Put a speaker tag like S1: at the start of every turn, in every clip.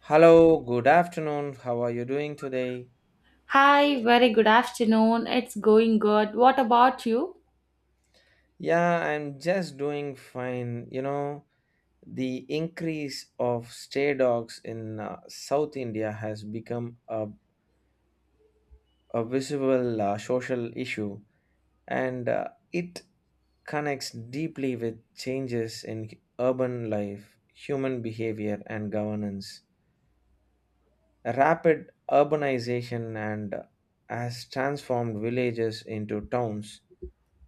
S1: Hello, good afternoon. How are you doing today?
S2: Hi, very good afternoon. It's going good. What about you?
S1: Yeah, I'm just doing fine. The increase of stray dogs in South India has become a visible social issue, and it connects deeply with changes in urban life, human behavior, and governance. Rapid urbanization and has transformed villages into towns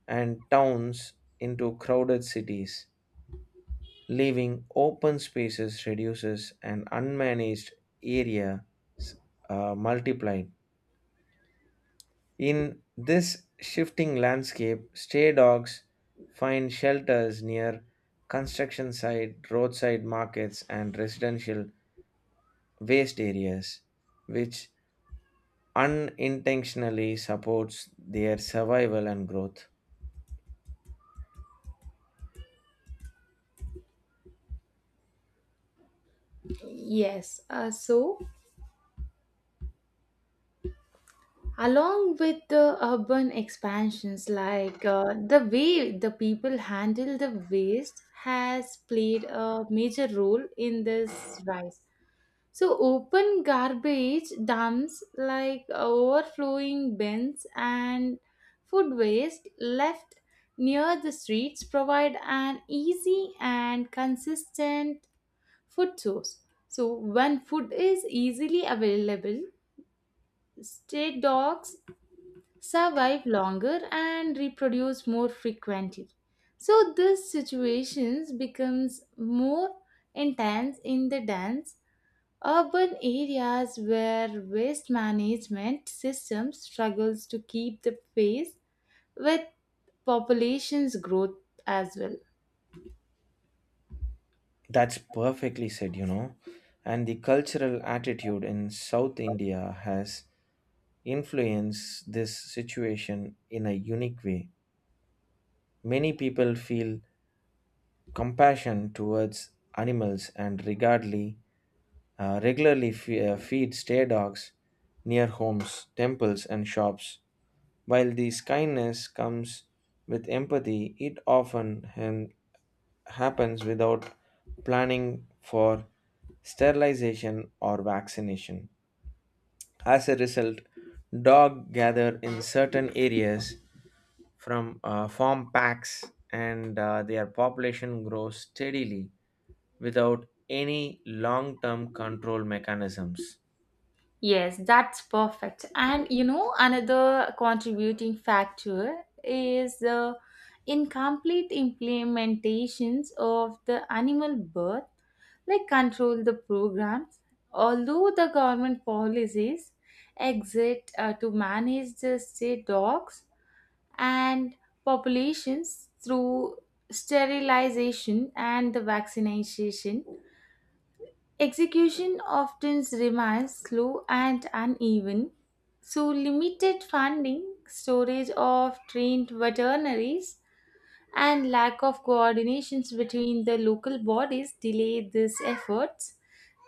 S1: and towns into crowded cities. Leaving open spaces reduces and unmanaged area multiplied. In this shifting landscape, stray dogs find shelters near construction site, roadside markets, and residential waste areas, which unintentionally supports their survival and growth.
S2: Yes, so along with the urban expansions, like the way the people handle the waste has played a major role in this rise. So, open garbage dumps like overflowing bins and food waste left near the streets provide an easy and consistent food source. So, when food is easily available, stray dogs survive longer and reproduce more frequently. So, this situations becomes more intense in the dense urban areas where waste management system struggles to keep the pace with population's growth as well.
S1: That's perfectly said, you know. And the cultural attitude in South India has influenced this situation in a unique way. Many people feel compassion towards animals and regularly feed stray dogs near homes, temples, and shops. While this kindness comes with empathy, it often happens without planning for sterilization or vaccination. As a result, dogs gather in certain areas from farm packs, and their population grows steadily without any long-term control mechanisms.
S2: Yes, that's perfect. And you know, another contributing factor is the incomplete implementations of the animal birth, like control the programs. Although the government policies exist to manage the stray dogs and populations through sterilization and the vaccination, execution often remains slow and uneven, so limited funding, storage of trained veterinaries, and lack of coordinations between the local bodies delay these efforts.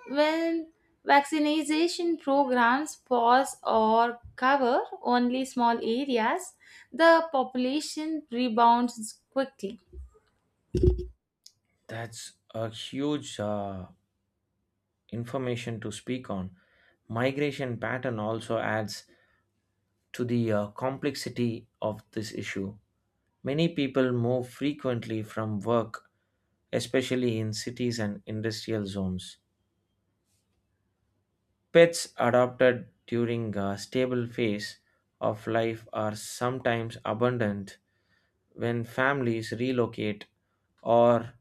S2: When vaccination programs pause or cover only small areas, the population rebounds quickly.
S1: That's a huge information to speak on. Migration pattern also adds to the complexity of this issue. Many people move frequently from work, especially in cities and industrial zones. Pets adopted during a stable phase of life are sometimes abundant when families relocate or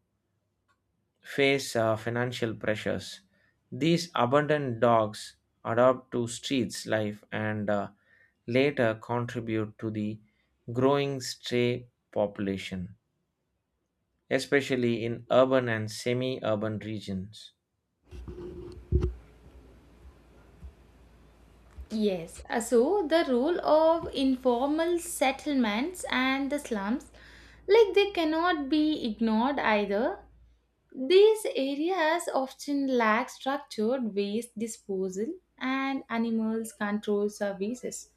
S1: face financial pressures. These abundant dogs adapt to streets life, and later contribute to the growing stray population, especially in urban and semi urban regions.
S2: Yes, so the role of informal settlements and the slums, like they cannot be ignored either. These areas often lack structured waste disposal and animals control services.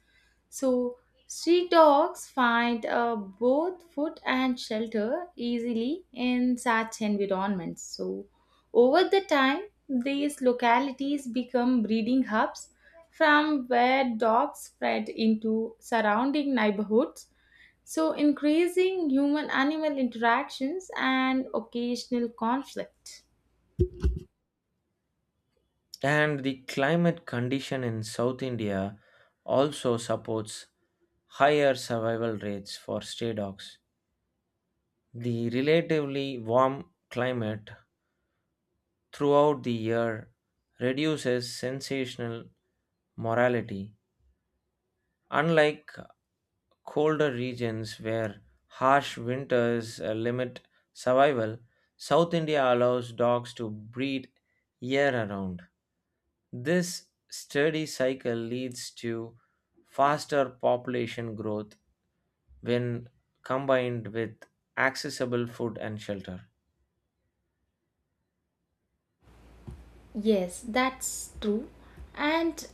S2: So, street dogs find both food and shelter easily in such environments. So, over the time, these localities become breeding hubs from where dogs spread into surrounding neighborhoods so, increasing human animal interactions and occasional conflict.
S1: And the climate condition in South India also supports higher survival rates for stray dogs. The relatively warm climate throughout the year reduces sensational morality. Unlike colder regions where harsh winters limit survival, South India allows dogs to breed year around. This steady cycle leads to faster population growth when combined with accessible food and shelter.
S2: Yes, that's true. And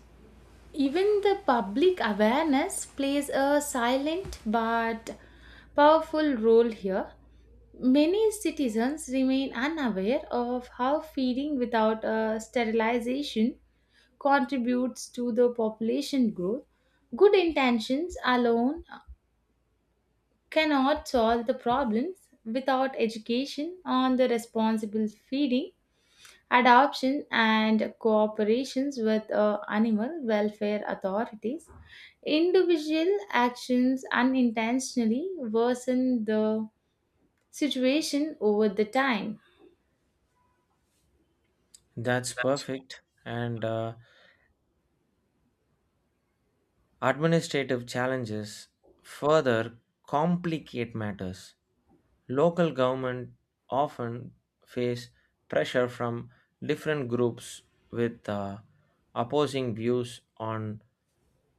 S2: even the public awareness plays a silent but powerful role here. Many citizens remain unaware of how feeding without a sterilization contributes to the population growth. Good intentions alone cannot solve the problems without education on the responsible feeding, adoption, and cooperations with animal welfare authorities. Individual actions unintentionally worsen the situation over the time.
S1: That's perfect. And administrative challenges further complicate matters. Local government often face pressure from different groups with opposing views on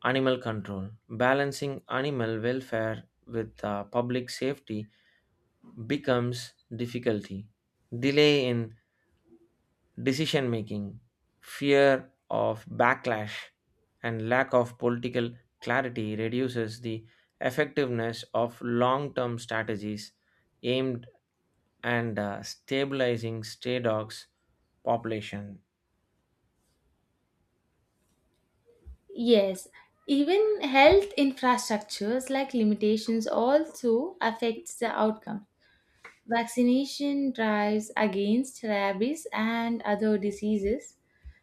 S1: animal control. Balancing animal welfare with public safety becomes difficulty. Delay in decision making, fear of backlash, and lack of political clarity reduces the effectiveness of long term strategies aimed and stabilizing stray dogs population.
S2: Yes, even health infrastructures like limitations also affects the outcome. Vaccination drives against rabies and other diseases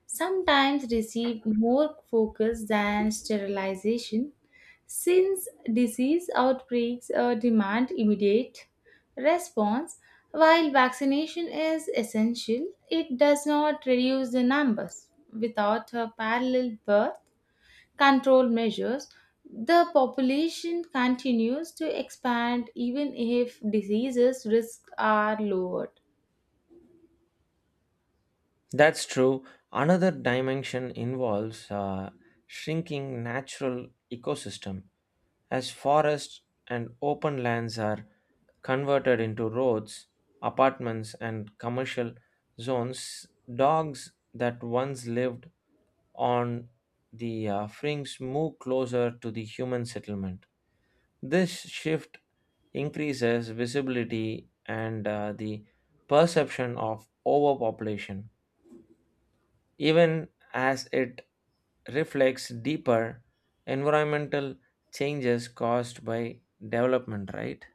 S2: sometimes receive more focus than sterilization since disease outbreaks demand immediate response. While vaccination is essential, it does not reduce the numbers. Without a parallel birth, control measures, the population continues to expand even if diseases risks are lowered.
S1: That's true. Another dimension involves shrinking natural ecosystem. As forests and open lands are converted into roads, apartments, and commercial zones, dogs that once lived on the Frings move closer to the human settlement. This shift increases visibility and the perception of overpopulation, even as it reflects deeper environmental changes caused by development, right?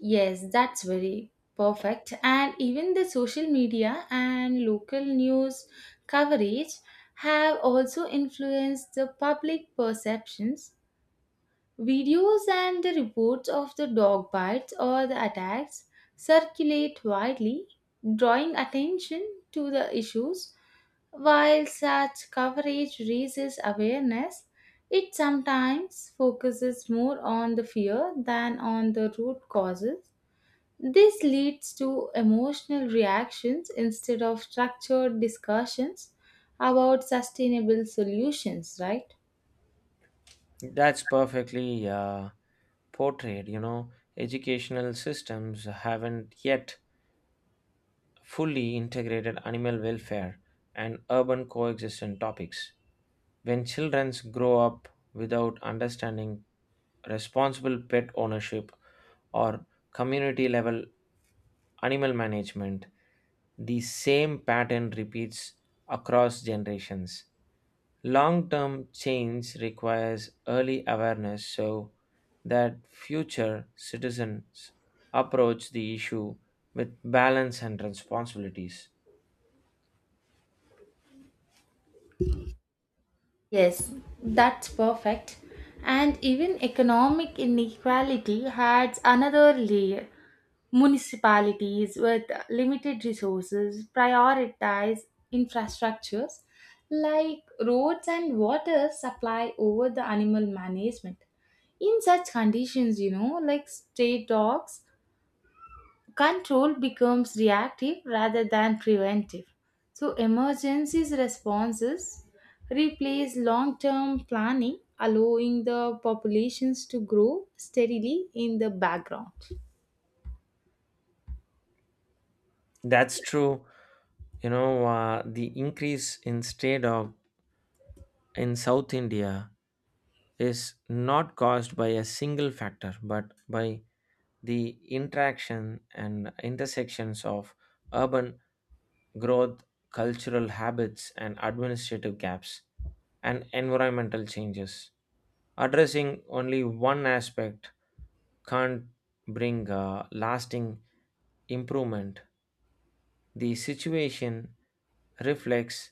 S2: Yes, that's very perfect. And even the social media and local news coverage have also influenced the public perceptions. Videos and the reports of the dog bites or the attacks circulate widely, drawing attention to the issues. While such coverage raises awareness, it sometimes focuses more on the fear than on the root causes. This leads to emotional reactions instead of structured discussions about sustainable solutions, right?
S1: That's perfectly portrayed. You know, educational systems haven't yet fully integrated animal welfare and urban coexistence topics. When children grow up without understanding responsible pet ownership or community level animal management, the same pattern repeats across generations. Long term change requires early awareness so that future citizens approach the issue with balance and responsibilities.
S2: Yes, that's perfect. And even economic inequality adds another layer. Municipalities with limited resources prioritize infrastructures like roads and water supply over the animal management. In such conditions, you know, like stray dogs, control becomes reactive rather than preventive. So, emergencies responses replace long term planning, allowing the populations to grow steadily in the background.
S1: That's true. The increase in state of in South India is not caused by a single factor but by the interaction and intersections of urban growth, cultural habits, and administrative gaps, and environmental changes. Addressing only one aspect can't bring lasting improvement. The situation reflects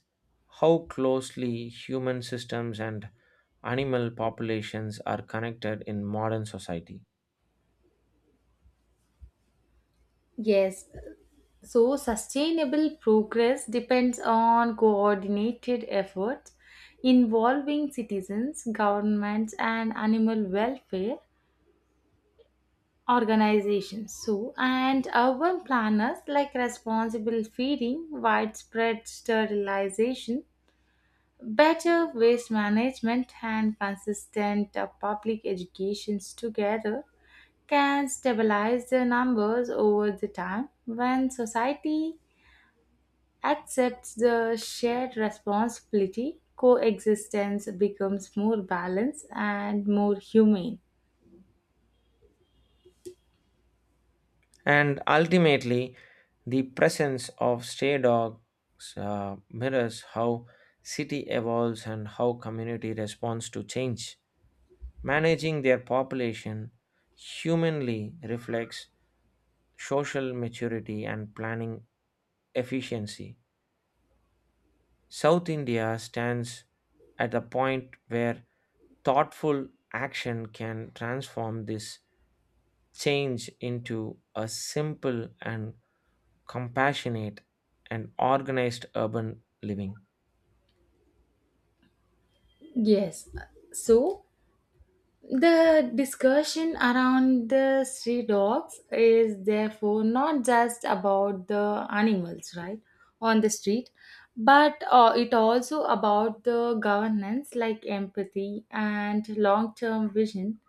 S1: how closely human systems and animal populations are connected in modern society.
S2: Yes, so, sustainable progress depends on coordinated efforts involving citizens, governments, and animal welfare organizations. So, and urban planners like responsible feeding, widespread sterilization, better waste management, and consistent public educations together can stabilize the numbers over the time when society accepts the shared responsibility, coexistence becomes more balanced and more humane.
S1: And ultimately, the presence of stray dogs mirrors how city evolves and how community responds to change. Managing their population humanly reflects social maturity and planning efficiency. South India stands at the point where thoughtful action can transform this change into a simple and compassionate and organized urban living.
S2: Yes. So the discussion around the stray dogs is therefore not just about the animals, right, on the street, but it also about the governance like empathy and long-term vision.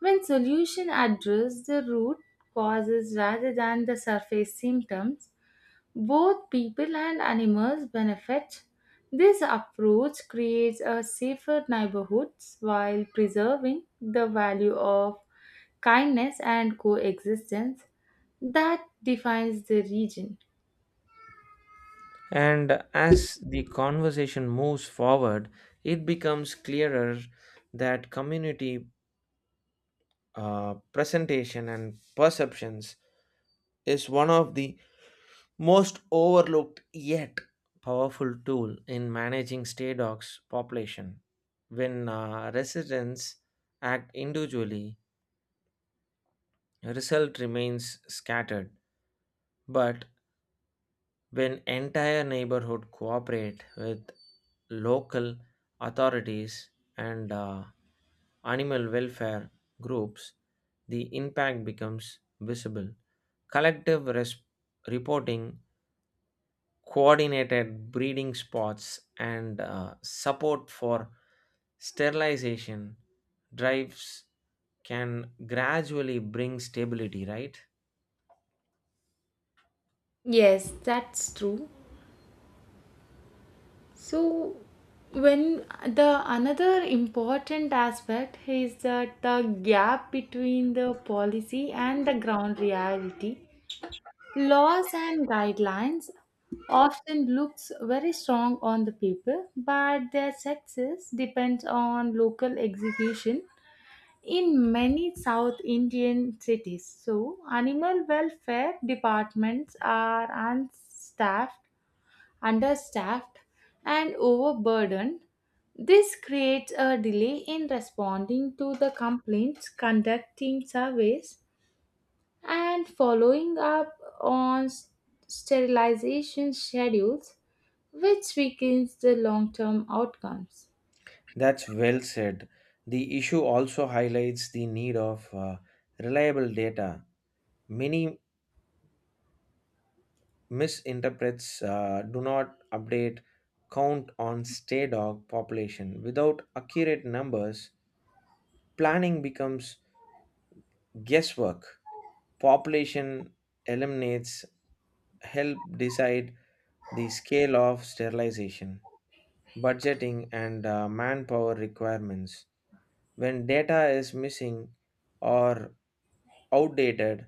S2: When solutions address the root causes rather than the surface symptoms, both people and animals benefit. This approach creates a safer neighborhoods while preserving the value of kindness and coexistence that defines the region.
S1: And as the conversation moves forward, it becomes clearer that community presentation and perceptions is one of the most overlooked yet powerful tool in managing stray dogs population. When residents act individually, result remains scattered. But when entire neighborhood cooperate with local authorities and animal welfare groups, the impact becomes visible. Collective reporting, coordinated breeding spots, and support for sterilization drives can gradually bring stability, right?
S2: Yes, that's true. So, when the another important aspect is that the gap between the policy and the ground reality, laws and guidelines often looks very strong on the paper, but their success depends on local execution in many South Indian cities. So, animal welfare departments are unstaffed understaffed, and overburdened. This creates a delay in responding to the complaints, conducting surveys, and following up on sterilization schedules, which weakens the long term outcomes.
S1: That's well said. The issue also highlights the need of reliable data. Many misinterprets do not update count on stray dog population. Without accurate numbers, planning becomes guesswork. Population eliminates help decide the scale of sterilization, budgeting, and manpower requirements. When data is missing or outdated,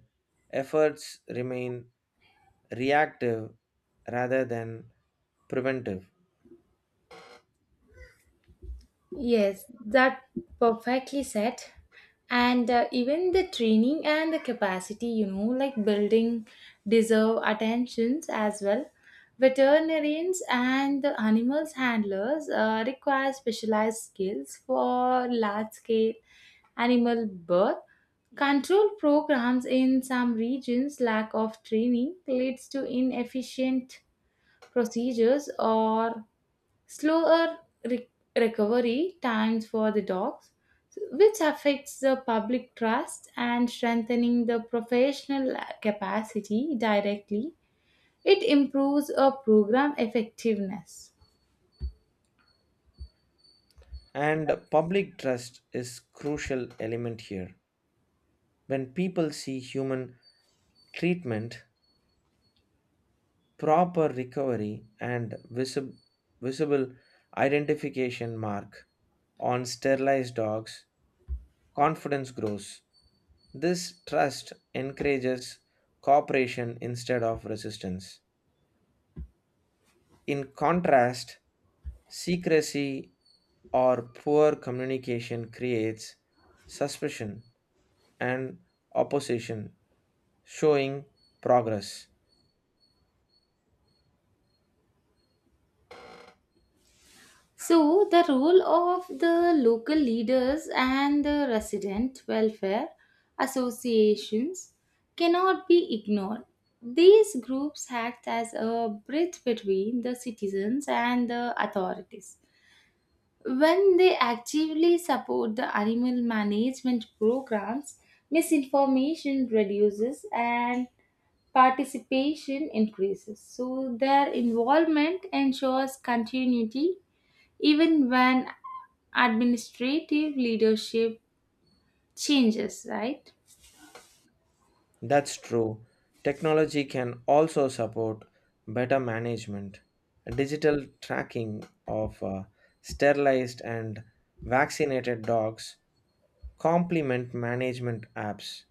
S1: efforts remain reactive rather than preventive.
S2: Yes, that perfectly said. And even the training and the capacity, you know, like building deserve attentions as well. Veterinarians and the animals handlers require specialized skills for large scale animal birth. Control programs in some regions lack of training leads to inefficient procedures or slower re- recovery times for the dogs, which affects the public trust and strengthening the professional capacity directly. It improves a program effectiveness.
S1: And public trust is crucial element here. When people see human treatment, proper recovery and visible identification mark on sterilized dogs, confidence grows. This trust encourages cooperation instead of resistance. In contrast, secrecy or poor communication creates suspicion and opposition, showing progress.
S2: So, the role of the local leaders and the resident welfare associations cannot be ignored. These groups act as a bridge between the citizens and the authorities. When they actively support the animal management programs, misinformation reduces and participation increases. So, their involvement ensures continuity even when administrative leadership changes, right?
S1: That's true. Technology can also support better management. Digital tracking of sterilized and vaccinated dogs complement management apps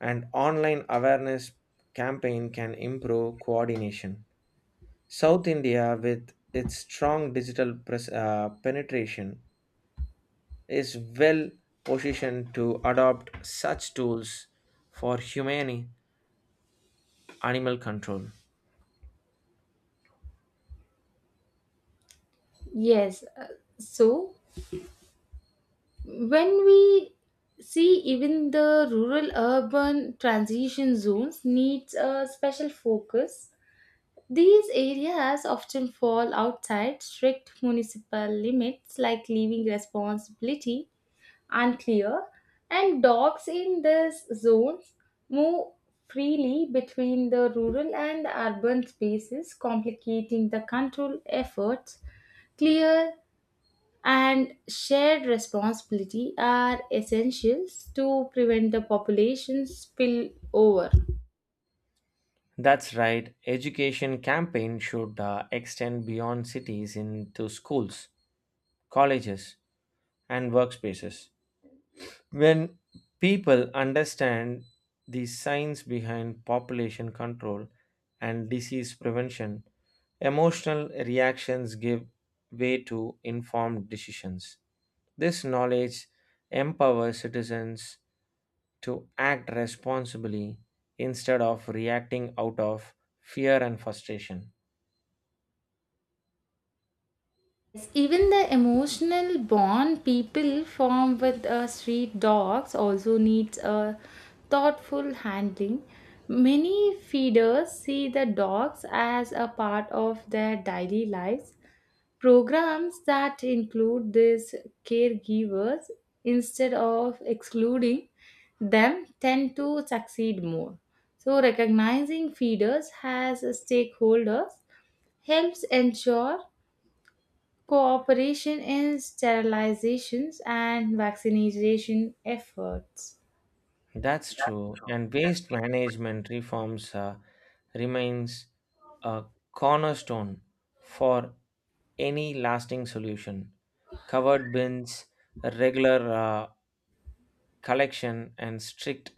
S1: and online awareness campaign can improve coordination. South India, with its strong digital penetration, is well positioned to adopt such tools for humane animal control.
S2: Yes. So, when we see even the rural urban transition zones needs a special focus. These areas often fall outside strict municipal limits like leaving responsibility unclear and dogs in these zones move freely between the rural and urban spaces complicating the control efforts. Clear and shared responsibility are essentials to prevent the population spill over.
S1: That's right. Education campaign should extend beyond cities into schools, colleges, and workspaces. When people understand the science behind population control and disease prevention, emotional reactions give way to informed decisions. This knowledge empowers citizens to act responsibly instead of reacting out of fear and frustration.
S2: Yes, even the emotional bond people form with street dogs also needs a thoughtful handling. Many feeders see the dogs as a part of their daily lives. Programs that include these caregivers instead of excluding them tend to succeed more. So, recognizing feeders as stakeholders helps ensure cooperation in sterilizations and vaccination efforts.
S1: That's true. And waste management reforms remains a cornerstone for any lasting solution. Covered bins, regular collection, and strict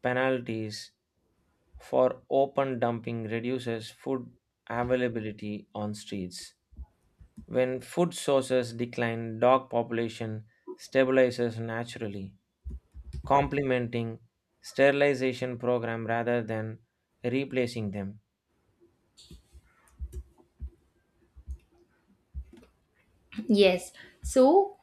S1: penalties for open dumping reduces food availability on streets. When food sources decline, dog population stabilizes naturally, complementing sterilization program rather than replacing them.
S2: Yes, so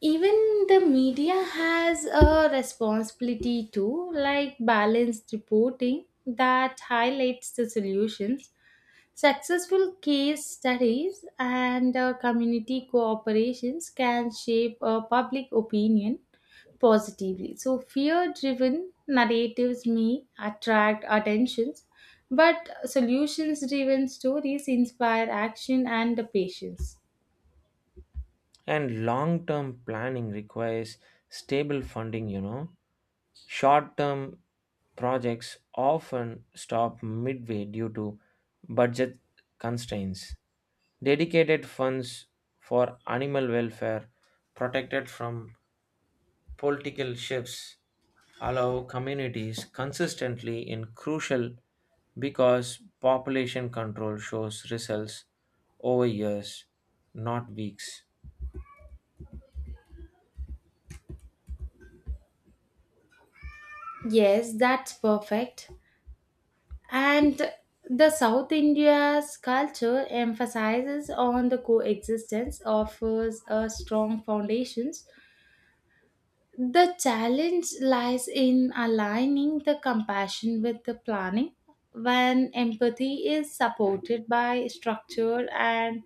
S2: even the media has a responsibility to like balanced reporting that highlights the solutions, successful case studies, and community cooperations can shape public opinion positively. So, fear driven narratives may attract attentions, but solutions driven stories inspire action and the patience.
S1: And long term planning requires stable funding, you know. Short term projects often stop midway due to budget constraints. Dedicated funds for animal welfare protected from political shifts allow communities consistently in crucial because population control shows results over years, not weeks.
S2: Yes, that's perfect. And the South India's culture emphasizes on the coexistence, offers a strong foundation. The challenge lies in aligning the compassion with the planning. When empathy is supported by structure and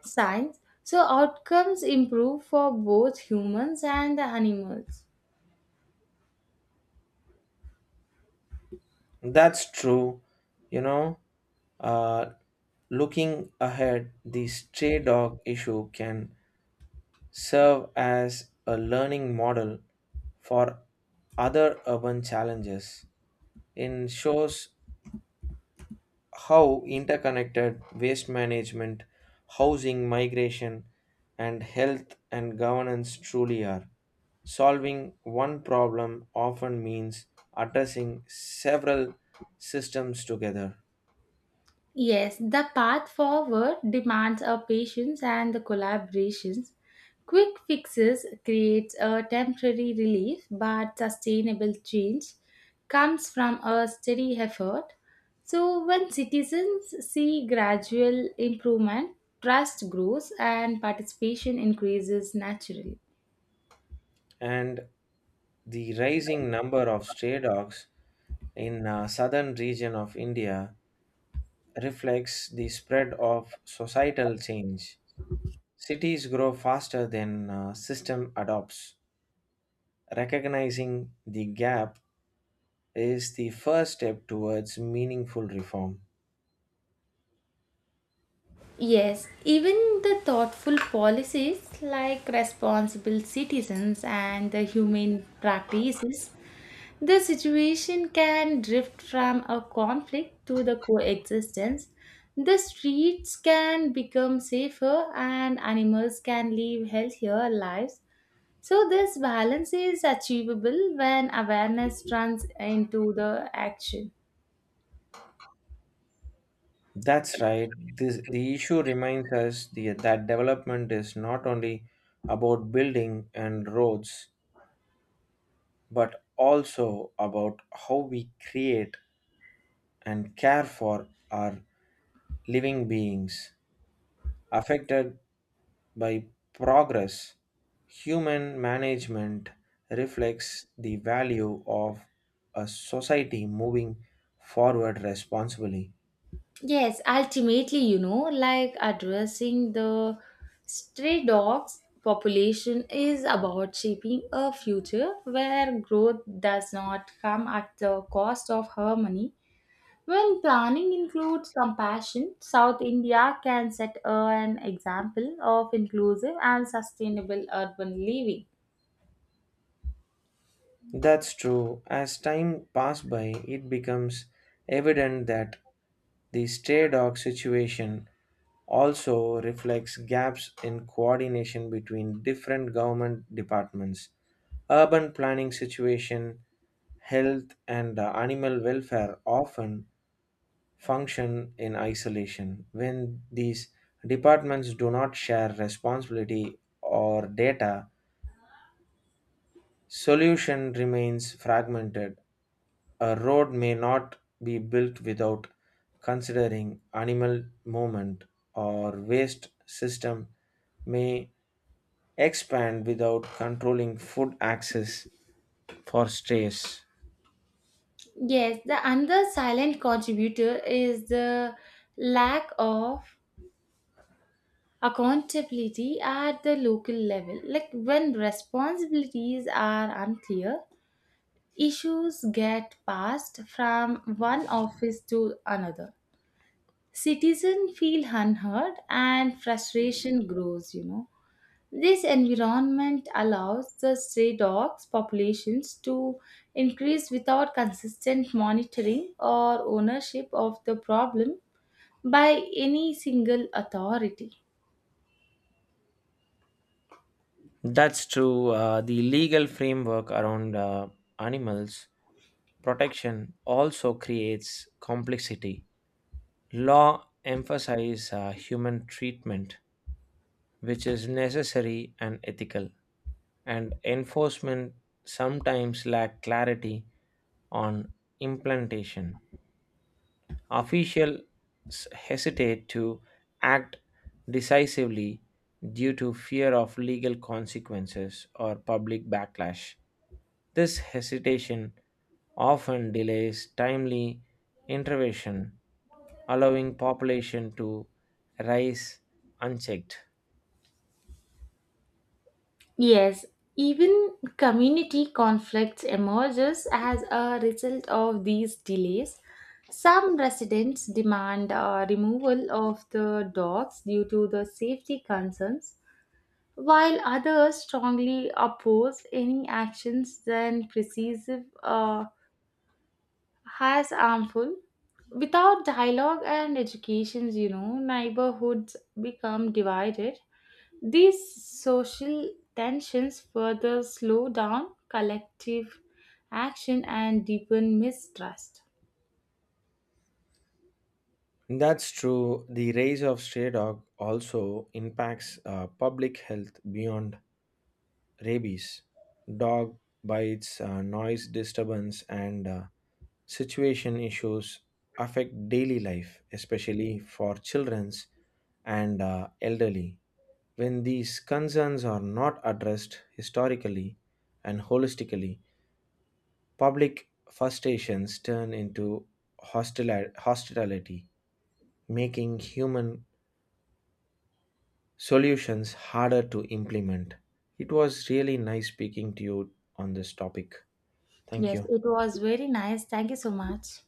S2: science, so outcomes improve for both humans and the animals.
S1: That's true. You know, uh, Looking ahead, the stray dog issue can serve as a learning model for other urban challenges. It shows how interconnected waste management, housing, migration, and health and governance truly are. Solving one problem often means addressing several systems together.
S2: Yes, the path forward demands our patience and the collaborations. Quick fixes create a temporary relief, but sustainable change comes from a steady effort. So when citizens see gradual improvement, trust grows and participation increases naturally.
S1: And the rising number of stray dogs in southern region of India reflects the spread of societal change. Cities grow faster than system adopts. Recognizing the gap is the first step towards meaningful reform.
S2: Yes, even the thoughtful policies like responsible citizens and the humane practices, the situation can drift from a conflict to the coexistence. The streets can become safer and animals can live healthier lives. So, this balance is achievable when awareness turns into the action.
S1: That's right. This, the issue reminds us the, that development is not only about building and roads, but also about how we create and care for our living beings affected by progress. Human management reflects the value of a society moving forward responsibly.
S2: Yes, ultimately, you know, like addressing the stray dogs population is about shaping a future where growth does not come at the cost of harmony. When planning includes compassion, South India can set an example of inclusive and sustainable urban living.
S1: That's true. As time passes by, it becomes evident that the stray dog situation also reflects gaps in coordination between different government departments. Urban planning situation, health, and animal welfare often function in isolation. When these departments do not share responsibility or data, solution remains fragmented. A road may not be built without considering animal movement, or waste system may expand without controlling food access for strays.
S2: Yes, the another silent contributor is the lack of accountability at the local level. Like when responsibilities are unclear, issues get passed from one office to another. Citizens feel unheard and frustration grows, you know. This environment allows the stray dogs populations to increase without consistent monitoring or ownership of the problem by any single authority.
S1: That's true. The legal framework around animals protection also creates complexity. Law emphasizes human treatment, which is necessary and ethical, and enforcement sometimes lack clarity on implementation. Officials hesitate to act decisively due to fear of legal consequences or public backlash. This hesitation often delays timely intervention, allowing population to rise unchecked.
S2: Yes, even community conflicts emerges as a result of these delays. Some residents demand removal of the dogs due to the safety concerns, while others strongly oppose any actions than precisive has harmful without dialogue and educations, you know, neighborhoods become divided. These social tensions further slow down collective action and deepen mistrust.
S1: That's true. The rise of stray dog also impacts public health beyond rabies. Dog bites, noise disturbance, and situation issues affect daily life, especially for childrens and elderly. When these concerns are not addressed historically and holistically, public frustrations turn into hostility, making human solutions harder to implement. It was really nice speaking to you on this topic. Thank
S2: Yes,
S1: you.
S2: it was very nice, thank you so much.